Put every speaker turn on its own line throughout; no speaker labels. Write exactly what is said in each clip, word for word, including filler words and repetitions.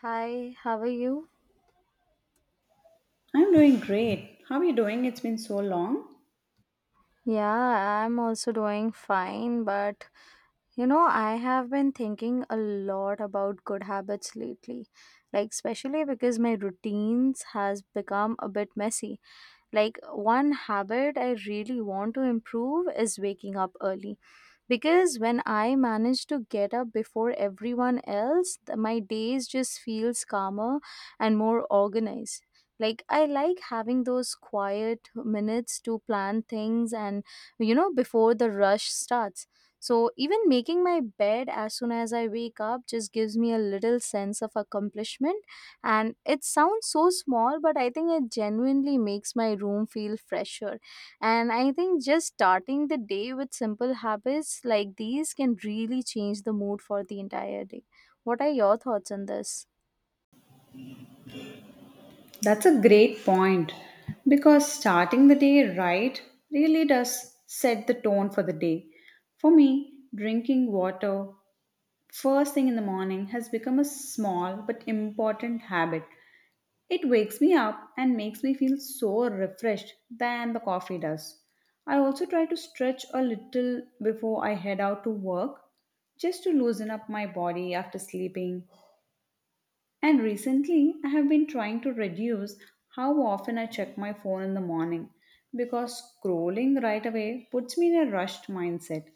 Hi, how are you?
I'm doing great. How are you doing? It's been so long.
Yeah, I'm also doing fine, but You know, I have been thinking a lot about good habits lately, like especially because my routines has become a bit messy. Like one habit I really want to improve is waking up early, because when I manage to get up before everyone else, th- my days just feels calmer and more organized. Like I like having those quiet minutes to plan things, and you know before the rush starts, so even making my bed as soon as I wake up just gives me a little sense of accomplishment. And it sounds so small, but I think it genuinely makes my room feel fresher. And I think just starting the day with simple habits like these can really change the mood for the entire day. What are your thoughts on this?
That's a great point because starting the day right really does set the tone for the day. For me, drinking water first thing in the morning has become a small but important habit. It wakes me up and makes me feel so refreshed than the coffee does. I also try to stretch a little before I head out to work just to loosen up my body after sleeping. And recently, I have been trying to reduce how often I check my phone in the morning because scrolling right away puts me in a rushed mindset.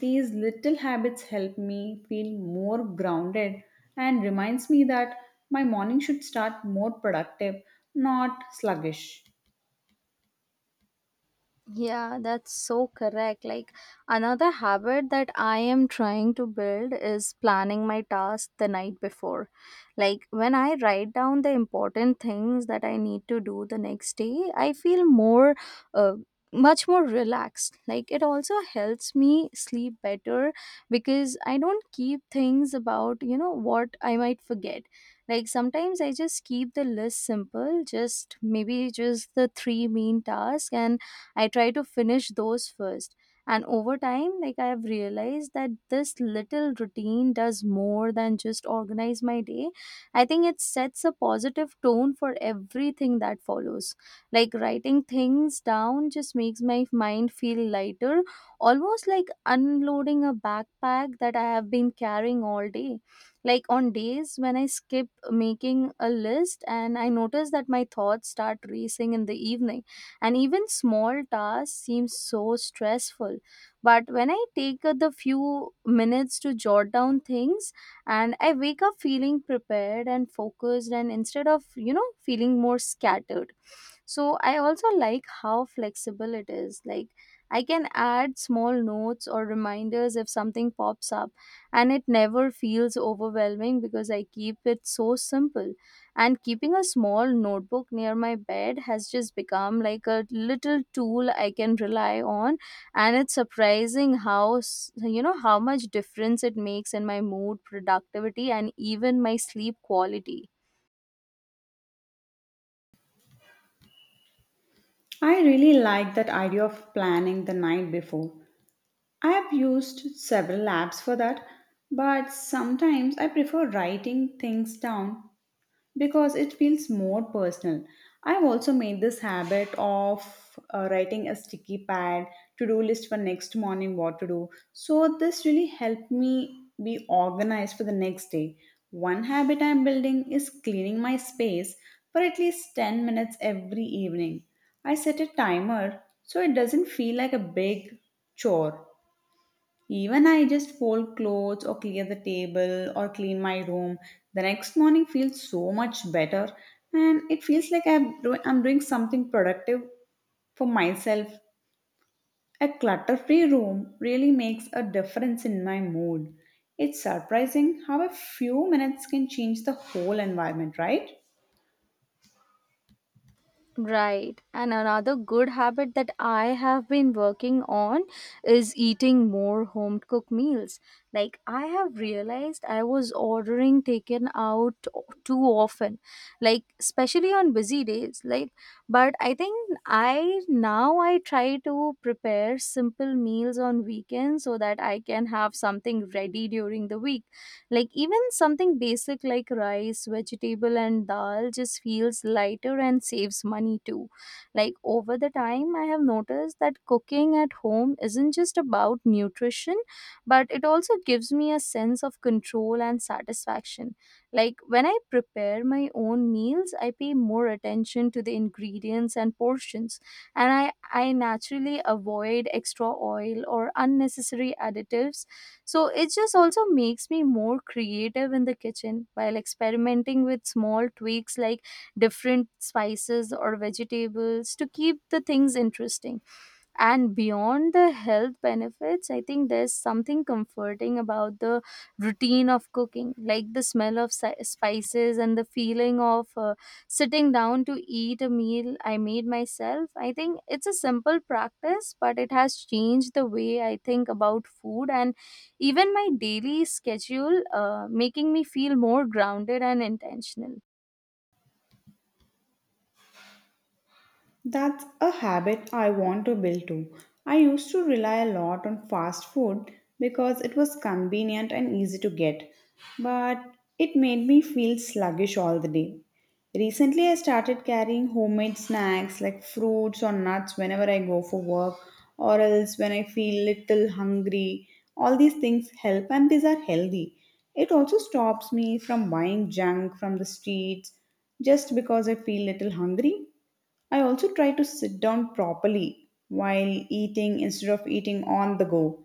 These little habits help me feel more grounded and reminds me that my morning should start more productive, not sluggish.
Yeah, that's so correct. Like another habit that I am trying to build is planning my task the night before. Like when I write down the important things that I need to do the next day, I feel more uh, much more relaxed. Like it also helps me sleep better, because I don't keep things about, you know, what I might forget. Like sometimes I just keep the list simple, just maybe just the three main tasks, and I try to finish those first. And over time, like I have realized that this little routine does more than just organize my day. I think it sets a positive tone for everything that follows. Like writing things down just makes my mind feel lighter, almost like unloading a backpack that I have been carrying all day. Like on days when I skip making a list, and I notice that my thoughts start racing in the evening and even small tasks seem so stressful. But when I take uh, the few minutes to jot down things, and I wake up feeling prepared and focused, and instead of you know feeling more scattered. So I also like how flexible it is. Like I can add small notes or reminders if something pops up, and it never feels overwhelming because I keep it so simple. And keeping a small notebook near my bed has just become like a little tool I can rely on, and it's surprising how s- you know how much difference it makes in my mood, productivity, and even my sleep quality.
I really like that idea of planning the night before. I have used several apps for that, but sometimes I prefer writing things down because it feels more personal. I've also made this habit of uh, writing a sticky pad to do list for next morning what to do. So, this really helped me be organized for the next day. One habit I'm building is cleaning my space for at least ten minutes every evening. I set a timer so it doesn't feel like a big chore. Even I just fold clothes or clear the table or clean my room. The next morning feels so much better and it feels like I'm, do- I'm doing something productive for myself. A clutter free room really makes a difference in my mood. It's surprising how a few minutes can change the whole environment, right?
Right. And another good habit that I have been working on is eating more home cooked meals. Like, I have realized I was ordering taken out o- too often, like, especially on busy days. Like, but I think I now I try to prepare simple meals on weekends so that I can have something ready during the week. Like even something basic like rice, vegetable and dal just feels lighter and saves money too. Like over the time I have noticed that cooking at home isn't just about nutrition, but it also gives me a sense of control and satisfaction. Like when I prepare my own meals, I pay more attention to the ingredients and portions, and I, I naturally avoid extra oil or unnecessary additives. So it just also makes me more creative in the kitchen, while experimenting with small tweaks like different spices or vegetables to keep the things interesting. And beyond the health benefits, I think there's something comforting about the routine of cooking, like the smell of si- spices and the feeling of uh, sitting down to eat a meal I made myself. I think it's a simple practice, but it has changed the way I think about food and even my daily schedule, uh, making me feel more grounded and intentional.
That's a habit I want to build too. I used to rely a lot on fast food because it was convenient and easy to get, but it made me feel sluggish all the day. Recently, I started carrying homemade snacks like fruits or nuts whenever I go for work or else when I feel little hungry. All these things help and these are healthy. It also stops me from buying junk from the streets just because I feel little hungry. I also try to sit down properly while eating instead of eating on the go.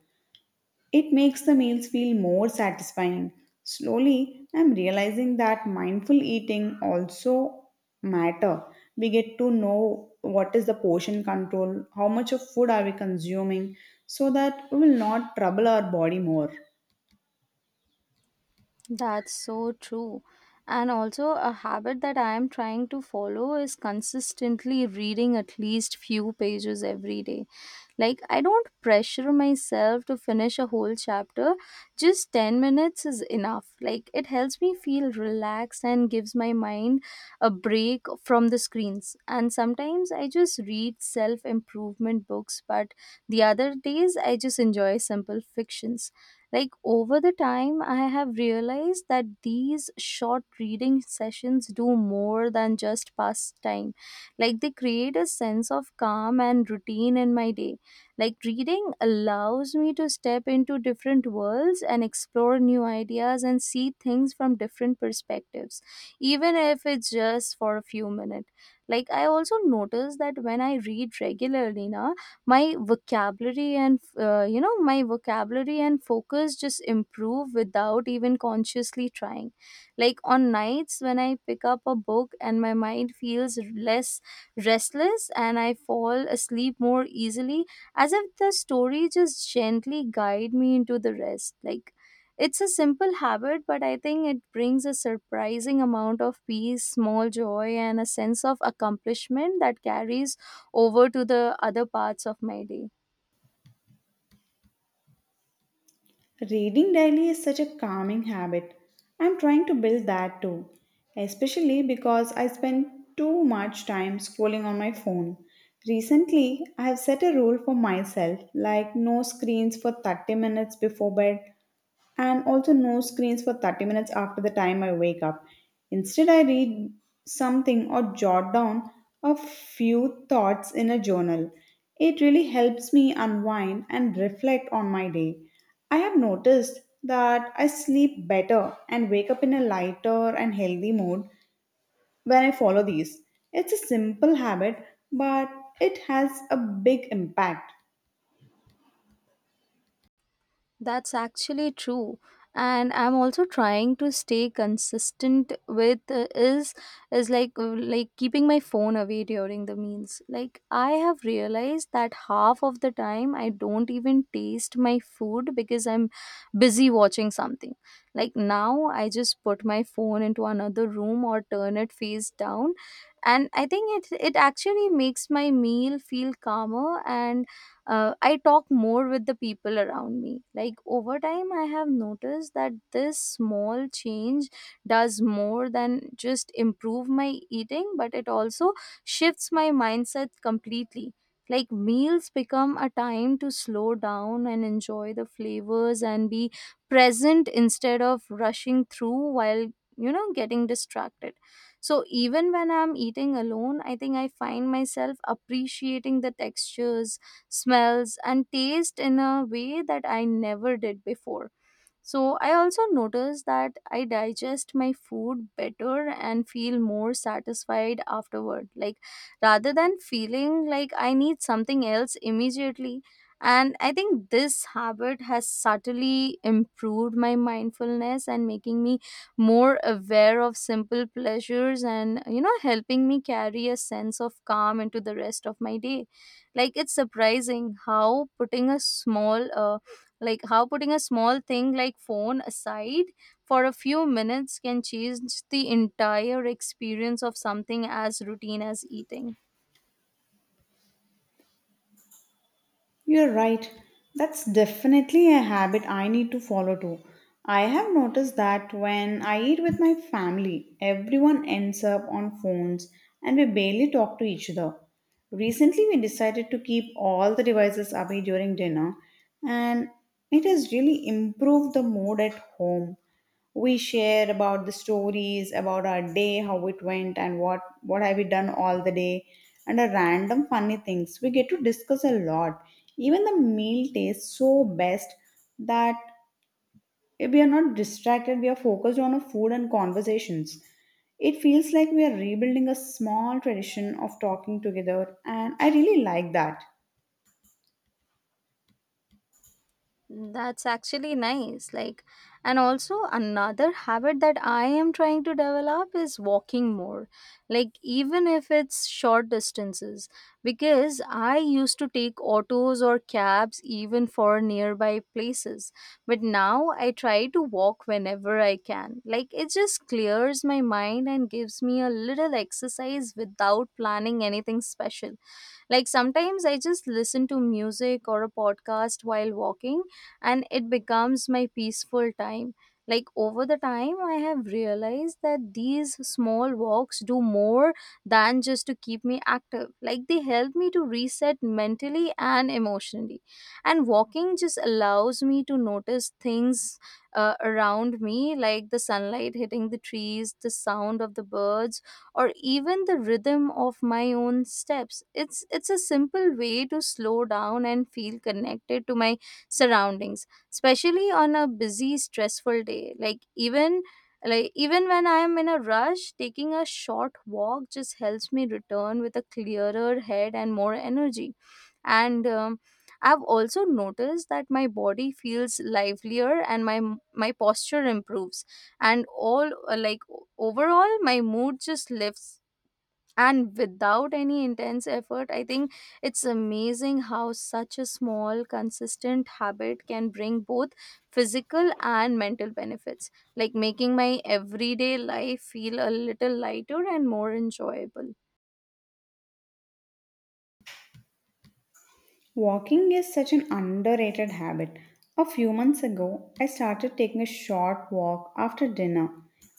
It makes the meals feel more satisfying. Slowly, I'm realizing that mindful eating also matter. We get to know what is the portion control, how much of food are we consuming so that we will not trouble our body more.
That's so true. And also a habit that I am trying to follow is consistently reading at least few pages every day. Like I don't pressure myself to finish a whole chapter. Just ten minutes is enough. Like it helps me feel relaxed and gives my mind a break from the screens. And sometimes I just read self-improvement books, but the other days I just enjoy simple fictions. Like over the time, I have realized that these short reading sessions do more than just pass time. Like they create a sense of calm and routine in my day. Like reading allows me to step into different worlds and explore new ideas and see things from different perspectives, even if it's just for a few minutes. Like I also notice that when I read regularly, now my vocabulary and uh, you know my vocabulary and focus just improve without even consciously trying. Like on nights when I pick up a book, and my mind feels less restless and I fall asleep more easily, as if the story just gently guide me into the rest. Like it's a simple habit, but I think it brings a surprising amount of peace, small joy, and a sense of accomplishment that carries over to the other parts of my day.
Reading daily is such a calming habit. I'm trying to build that too, especially because I spend too much time scrolling on my phone. Recently, I have set a rule for myself like no screens for thirty minutes before bed and also no screens for thirty minutes after the time I wake up. Instead, I read something or jot down a few thoughts in a journal. It really helps me unwind and reflect on my day. I have noticed that I sleep better and wake up in a lighter and healthy mood when I follow these. It's a simple habit, but it has a big impact.
That's actually true. And I'm also trying to stay consistent with uh, is is like uh, like keeping my phone away during the meals. Like I have realized that half of the time I don't even taste my food because I'm busy watching something. Like now I just put my phone into another room or turn it face down, and I think it it actually makes my meal feel calmer, and uh, I talk more with the people around me. Like over time, I have noticed that this small change does more than just improve my eating, but it also shifts my mindset completely. Like meals become a time to slow down and enjoy the flavors and be present instead of rushing through while, you know, getting distracted. So even when I'm eating alone, I think I find myself appreciating the textures, smells, and taste in a way that I never did before. So I also notice that I digest my food better and feel more satisfied afterward, like rather than feeling like I need something else immediately. And I think this habit has subtly improved my mindfulness and making me more aware of simple pleasures and, you know, helping me carry a sense of calm into the rest of my day. Like, it's surprising how putting a small, uh, like how putting a small thing like phone aside for a few minutes can change the entire experience of something as routine as eating.
You're right. That's definitely a habit I need to follow too. I have noticed that when I eat with my family, everyone ends up on phones and we barely talk to each other. Recently, we decided to keep all the devices away during dinner, and it has really improved the mood at home. We share about the stories about our day, how it went, and what what have we done all the day, and a random funny things we get to discuss a lot. Even the meal tastes so best that we are not distracted. We are focused on a food and conversations. It feels like we are rebuilding a small tradition of talking together, and I really like that.
That's actually nice. Like, and also another habit that I am trying to develop is walking more. Like, even if it's short distances, because I used to take autos or cabs even for nearby places. But now I try to walk whenever I can. Like, it just clears my mind and gives me a little exercise without planning anything special. Like sometimes I just listen to music or a podcast while walking, and it becomes my peaceful time. Like over the time, I have realized that these small walks do more than just to keep me active. Like they help me to reset mentally and emotionally. And walking just allows me to notice things uh, around me, like the sunlight hitting the trees, the sound of the birds, or even the rhythm of my own steps. It's it's a simple way to slow down and feel connected to my surroundings, especially on a busy stressful day. Like even, like even when I am in a rush, taking a short walk just helps me return with a clearer head and more energy. And um, I've also noticed that my body feels livelier and my my posture improves, and all uh, like o- overall my mood just lifts, and without any intense effort, I think it's amazing how such a small consistent habit can bring both physical and mental benefits, like making my everyday life feel a little lighter and more enjoyable.
Walking is such an underrated habit. A few months ago, I started taking a short walk after dinner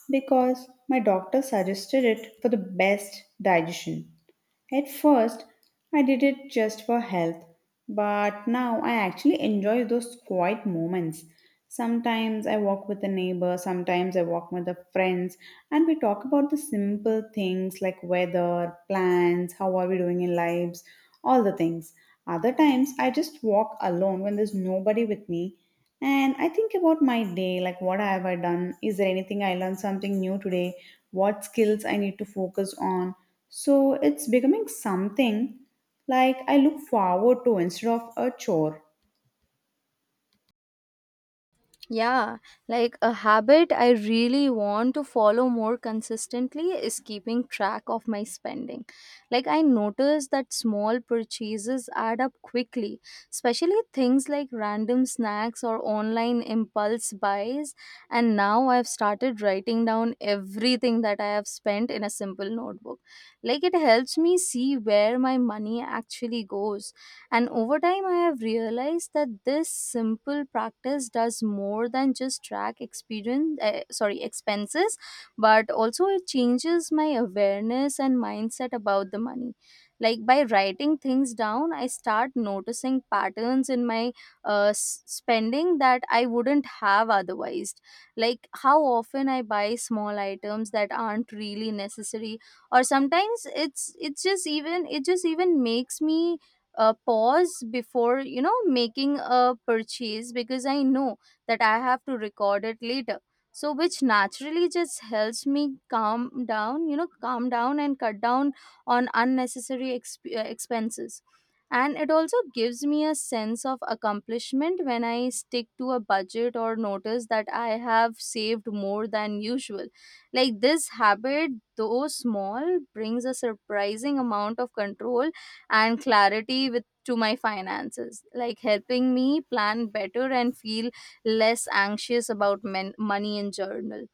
because my doctor suggested it for the best digestion. At first, I did it just for health, but now I actually enjoy those quiet moments. Sometimes I walk with a neighbor, sometimes I walk with the friends, and we talk about the simple things like weather, plans, how are we doing in lives, all the things. Other times I just walk alone when there's nobody with me and I think about my day, like what have I done? Is there anything I learned something new today? What skills I need to focus on? So it's becoming something like I look forward to instead of a chore.
Yeah, like a habit I really want to follow more consistently is keeping track of my spending. Like, I notice that small purchases add up quickly, especially things like random snacks or online impulse buys. And now I've started writing down everything that I have spent in a simple notebook. Like, it helps me see where my money actually goes, and over time, I have realized that this simple practice does more than just track experience, uh, sorry, expenses, but also it changes my awareness and mindset about the money. Like by writing things down, I start noticing patterns in my uh, s- spending that I wouldn't have otherwise. Like how often I buy small items that aren't really necessary, or sometimes it's it's just even it just even makes me uh, pause before you know making a purchase because I know that I have to record it later, so which naturally just helps me calm down you know calm down and cut down on unnecessary exp- uh, expenses. And it also gives me a sense of accomplishment when I stick to a budget or notice that I have saved more than usual. Like this habit, though small, brings a surprising amount of control and clarity with to my finances, like helping me plan better and feel less anxious about men- money in general.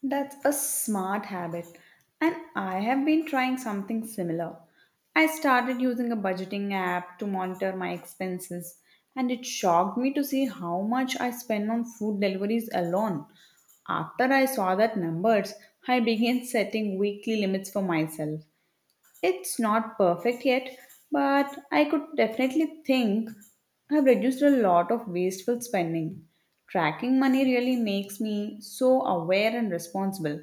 That's a smart habit, and I have been trying something similar. I started using a budgeting app to monitor my expenses, and it shocked me to see how much I spend on food deliveries alone. After I saw that numbers, I began setting weekly limits for myself. It's not perfect yet, but I could definitely think I've reduced a lot of wasteful spending. Tracking money really makes me so aware and responsible.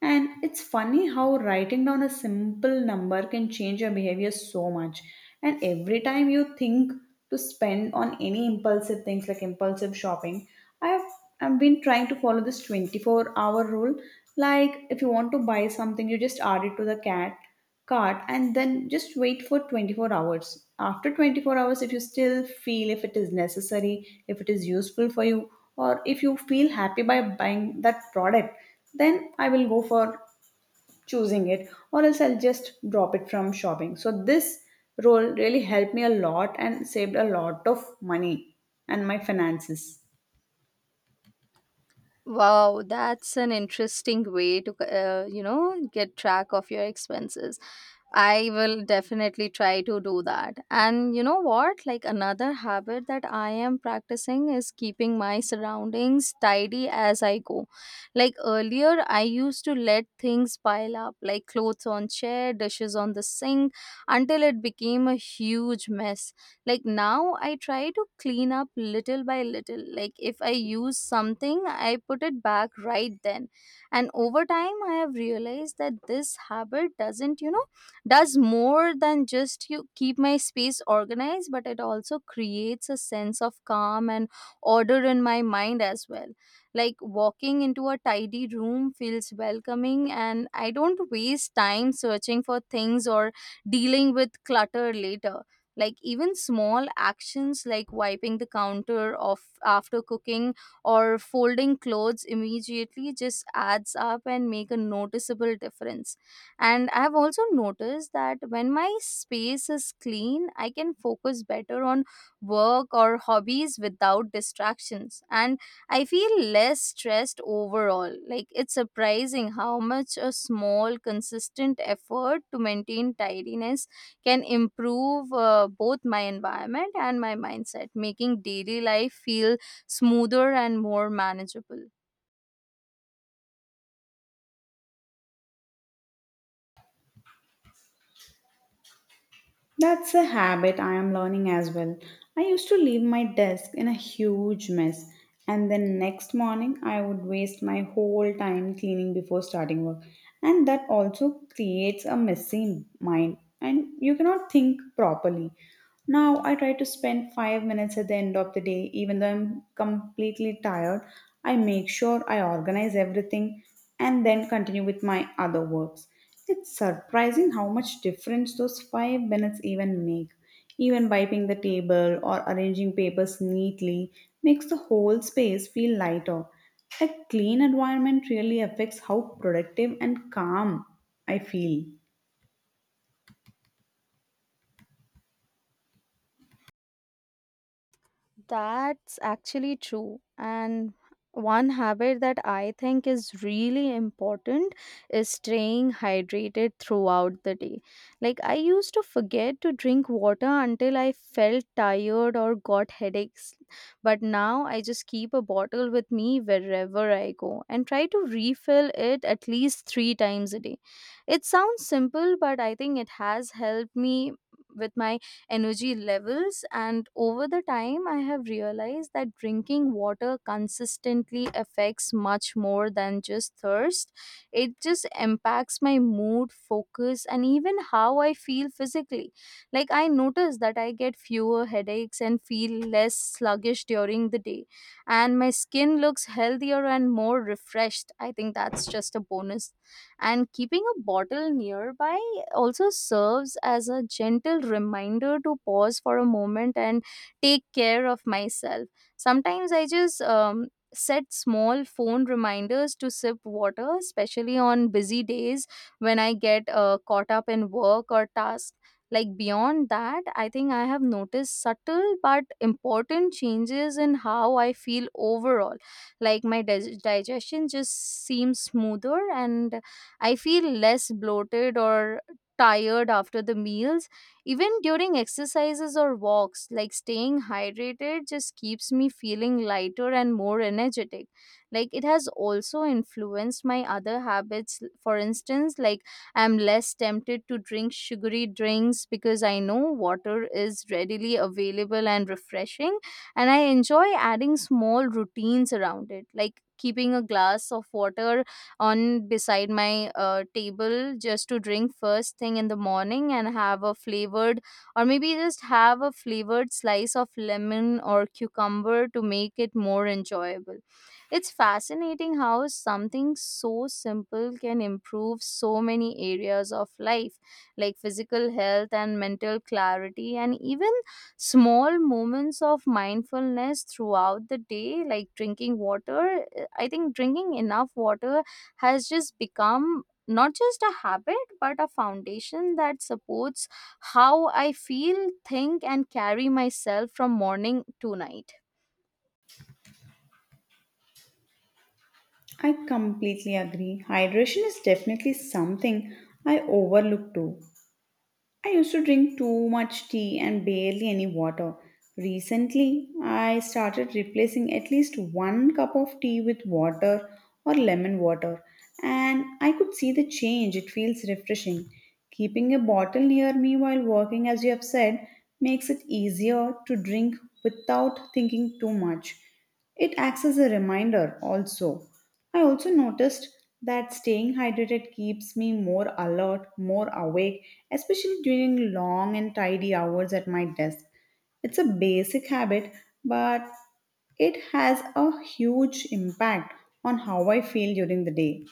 And it's funny how writing down a simple number can change your behavior so much. And every time you think to spend on any impulsive things like impulsive shopping, I've I've been trying to follow this twenty-four hour rule. Like if you want to buy something, you just add it to the cat cart and then just wait for twenty-four hours. After twenty-four hours, if you still feel if it is necessary, if it is useful for you, or if you feel happy by buying that product, then I will go for choosing it, or else I'll just drop it from shopping. So, this role really helped me a lot and saved a lot of money and my finances.
Wow, that's an interesting way to, uh, you know, get track of your expenses. I will definitely try to do that. And you know what? Like another habit that I am practicing is keeping my surroundings tidy as I go. Like earlier, I used to let things pile up, like clothes on chair, dishes on the sink, until it became a huge mess. Like now I try to clean up little by little. Like if I use something, I put it back right then, and over time I have realized that this habit doesn't you know does more than just you keep my space organized, but it also creates a sense of calm and order in my mind as well. Like walking into a tidy room feels welcoming, and I don't waste time searching for things or dealing with clutter later. Like even small actions like wiping the counter off after cooking or folding clothes immediately just adds up and make a noticeable difference. And I have also noticed that when my space is clean, I can focus better on work or hobbies without distractions, and I feel less stressed overall. Like it's surprising how much a small consistent effort to maintain tidiness can improve uh, both my environment and my mindset, making daily life feel smoother and more manageable.
That's a habit I am learning as well. I used to leave my desk in a huge mess, and then next morning I would waste my whole time cleaning before starting work. And that also creates a messy mind, and you cannot think properly. Now I try to spend five minutes at the end of the day, even though I'm completely tired. I make sure I organize everything and then continue with my other works. It's surprising how much difference those five minutes even make. Even wiping the table or arranging papers neatly makes the whole space feel lighter. A clean environment really affects how productive and calm I feel.
That's actually true. And one habit that I think is really important is staying hydrated throughout the day. Like I used to forget to drink water until I felt tired or got headaches. But now I just keep a bottle with me wherever I go and try to refill it at least three times a day. It sounds simple, but I think it has helped me with my energy levels. And over the time, I have realized that drinking water consistently affects much more than just thirst. It just impacts my mood, focus, and even how I feel physically. Like, I notice that I get fewer headaches and feel less sluggish during the day. And my skin looks healthier and more refreshed. I think that's just a bonus, and keeping a bottle nearby also serves as a gentle reminder to pause for a moment and take care of myself. Sometimes I just um, set small phone reminders to sip water, especially on busy days when I get uh, caught up in work or tasks. Like beyond that, I think I have noticed subtle but important changes in how I feel overall. Like my dig- digestion just seems smoother, and I feel less bloated or tired after the meals. Even during exercises or walks, like staying hydrated just keeps me feeling lighter and more energetic. Like it has also influenced my other habits. For instance, like I'm less tempted to drink sugary drinks because I know water is readily available and refreshing, and I enjoy adding small routines around it, like keeping a glass of water on beside my uh, table just to drink first thing in the morning and have a flavored or maybe just have a flavored slice of lemon or cucumber to make it more enjoyable. It's fascinating how something so simple can improve so many areas of life, like physical health and mental clarity, and even small moments of mindfulness throughout the day, like drinking water. I think drinking enough water has just become not just a habit but a foundation that supports how I feel, think, and carry myself from morning to night.
I completely agree. Hydration is definitely something I overlook too. I used to drink too much tea and barely any water. Recently, I started replacing at least one cup of tea with water or lemon water, and I could see the change. It feels refreshing. Keeping a bottle near me while working, as you have said, makes it easier to drink without thinking too much. It acts as a reminder also. I also noticed that staying hydrated keeps me more alert, more awake, especially during long and tidy hours at my desk. It's a basic habit, but it has a huge impact on how I feel during the day.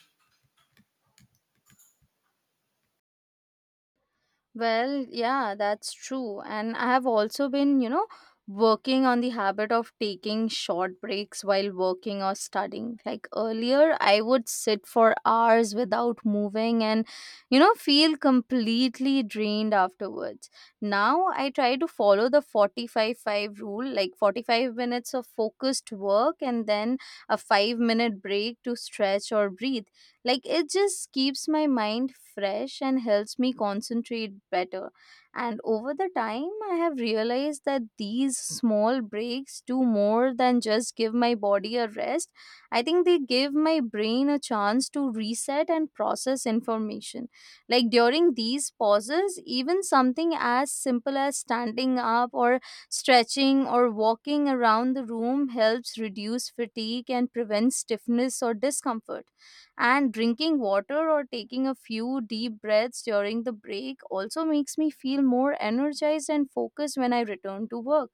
Well, yeah, that's true. And I have also been, you know, working on the habit of taking short breaks while working or studying. Like earlier, I would sit for hours without moving and, you know, feel completely drained afterwards. Now I try to follow the 45 5 rule, like forty-five minutes of focused work and then a five minute break to stretch or breathe. Like it just keeps my mind fresh and helps me concentrate better. And over the time, I have realized that these small breaks do more than just give my body a rest. I think they give my brain a chance to reset and process information. Like during these pauses, even something as simple as standing up or stretching or walking around the room helps reduce fatigue and prevent stiffness or discomfort. And drinking water or taking a few deep breaths during the break also makes me feel more energized and focused when I return to work.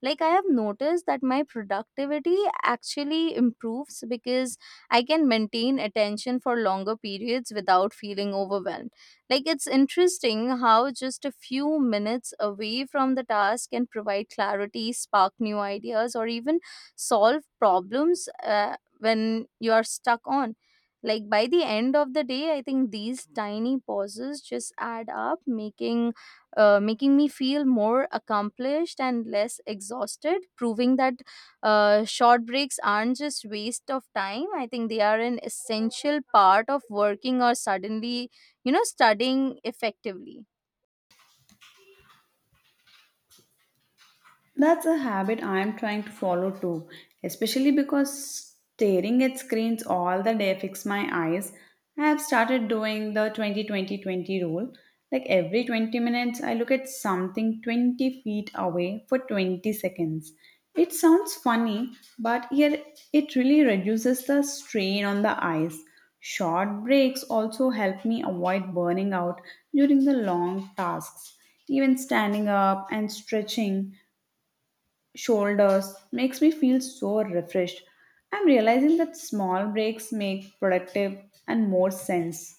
Like, I have noticed that my productivity actually improves because I can maintain attention for longer periods without feeling overwhelmed. Like, it's interesting how just a few minutes away from the task can provide clarity, spark new ideas, or even solve problems uh, when you are stuck on. Like by the end of the day, I think these tiny pauses just add up, making uh, making me feel more accomplished and less exhausted, proving that uh, short breaks aren't just waste of time. I think they are an essential part of working or suddenly, you know, studying effectively.
That's a habit I am trying to follow too, especially because staring at screens all the day affects my eyes. I have started doing the twenty twenty twenty rule. Like every twenty minutes, I look at something twenty feet away for twenty seconds. It sounds funny, but here it really reduces the strain on the eyes. Short breaks also help me avoid burning out during the long tasks. Even standing up and stretching shoulders makes me feel so refreshed. I'm realizing that small breaks make productive and more sense.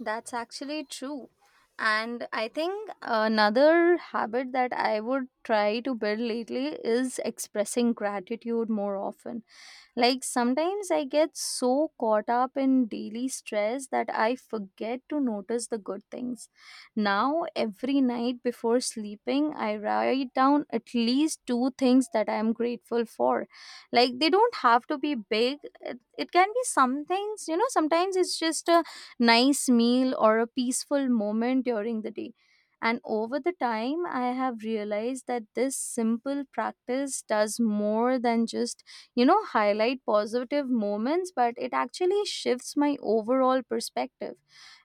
That's actually true. And I think another habit that I would try to build lately is expressing gratitude more often. Like sometimes I get so caught up in daily stress that I forget to notice the good things. Now, every night before sleeping, I write down at least two things that I am grateful for. Like they don't have to be big, it, it can be some things, you know, sometimes it's just a nice meal or a peaceful moment during the day. And over the time, I have realized that this simple practice does more than just you know highlight positive moments, but it actually shifts my overall perspective.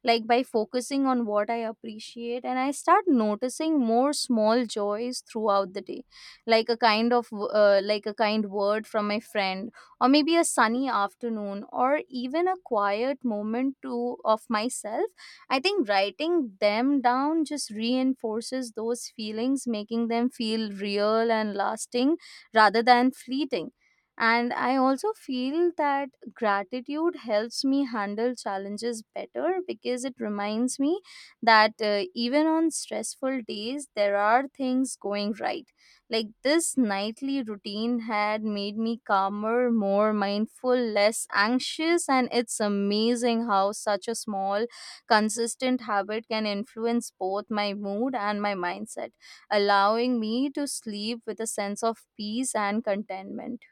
Like by focusing on what I appreciate, and I start noticing more small joys throughout the day, like a kind of uh, like a kind word from my friend, or maybe a sunny afternoon, or even a quiet moment to of myself. I think writing them down just reinforces those feelings, making them feel real and lasting rather than fleeting. And I also feel that gratitude helps me handle challenges better, because it reminds me that uh, even on stressful days, there are things going right. Like this nightly routine had made me calmer, more mindful, less anxious, and it's amazing how such a small, consistent habit can influence both my mood and my mindset, allowing me to sleep with a sense of peace and contentment.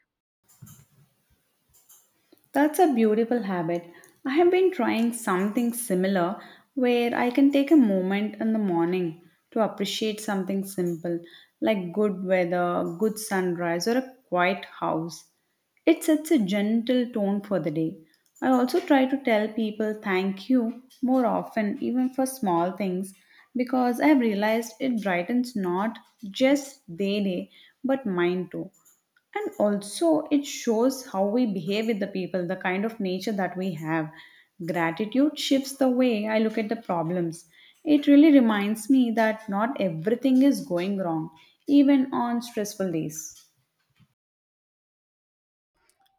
That's a beautiful habit. I have been trying something similar where I can take a moment in the morning to appreciate something simple like good weather, good sunrise, or a quiet house. It sets a gentle tone for the day. I also try to tell people thank you more often, even for small things, because I have realized it brightens not just their day but mine too. And also it shows how we behave with the people, the kind of nature that we have. Gratitude shifts the way I look at the problems. It really reminds me that not everything is going wrong, even on stressful days.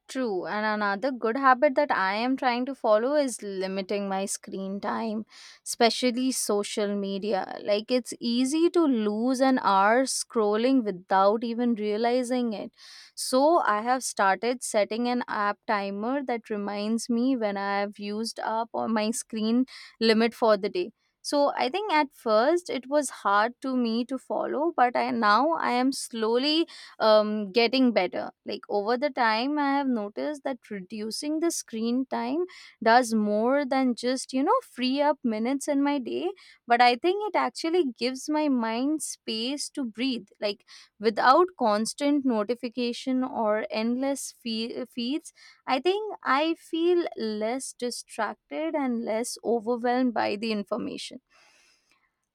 True, and another good habit that I am trying to follow is limiting my screen time, especially social media. Like it's easy to lose an hour scrolling without even realizing it. So I have started setting an app timer that reminds me when I have used up on my screen limit for the day. So I think at first it was hard to me to follow, but I now I am slowly um, getting better. Like over the time, I have noticed that reducing the screen time does more than just, you know, free up minutes in my day. But I think it actually gives my mind space to breathe. Like without constant notification or endless fe- feeds, I think I feel less distracted and less overwhelmed by the information.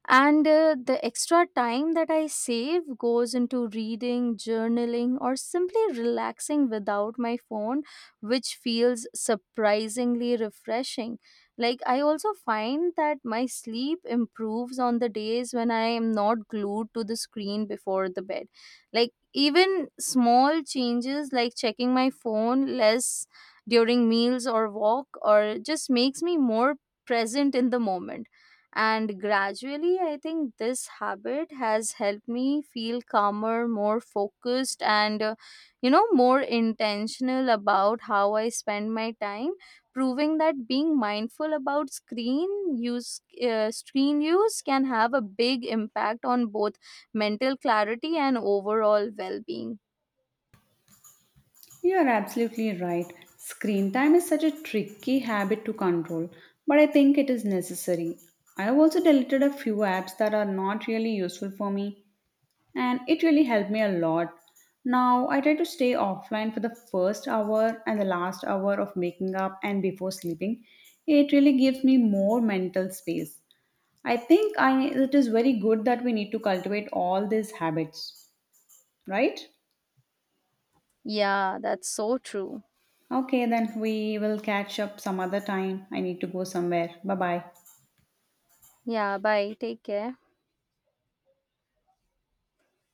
And uh, the extra time that I save goes into reading, journaling, or simply relaxing without my phone, which feels surprisingly refreshing. Like, I also find that my sleep improves on the days when I am not glued to the screen before the bed. Like, even small changes like checking my phone less during meals or walk or just makes me more present in the moment, and gradually, I think this habit has helped me feel calmer, more focused, and uh, you know, more intentional about how I spend my time, proving that being mindful about screen use, uh, screen use can have a big impact on both mental clarity and overall well being.
You are absolutely right. Screen time is such a tricky habit to control, but I think it is necessary. I have also deleted a few apps that are not really useful for me, and it really helped me a lot. Now I try to stay offline for the first hour and the last hour of making up and before sleeping. It really gives me more mental space. I think I it is very good that we need to cultivate all these habits, right?
Yeah, that's so true.
Okay, then we will catch up some other time. I need to go somewhere. Bye bye.
Yeah, bye. Take care.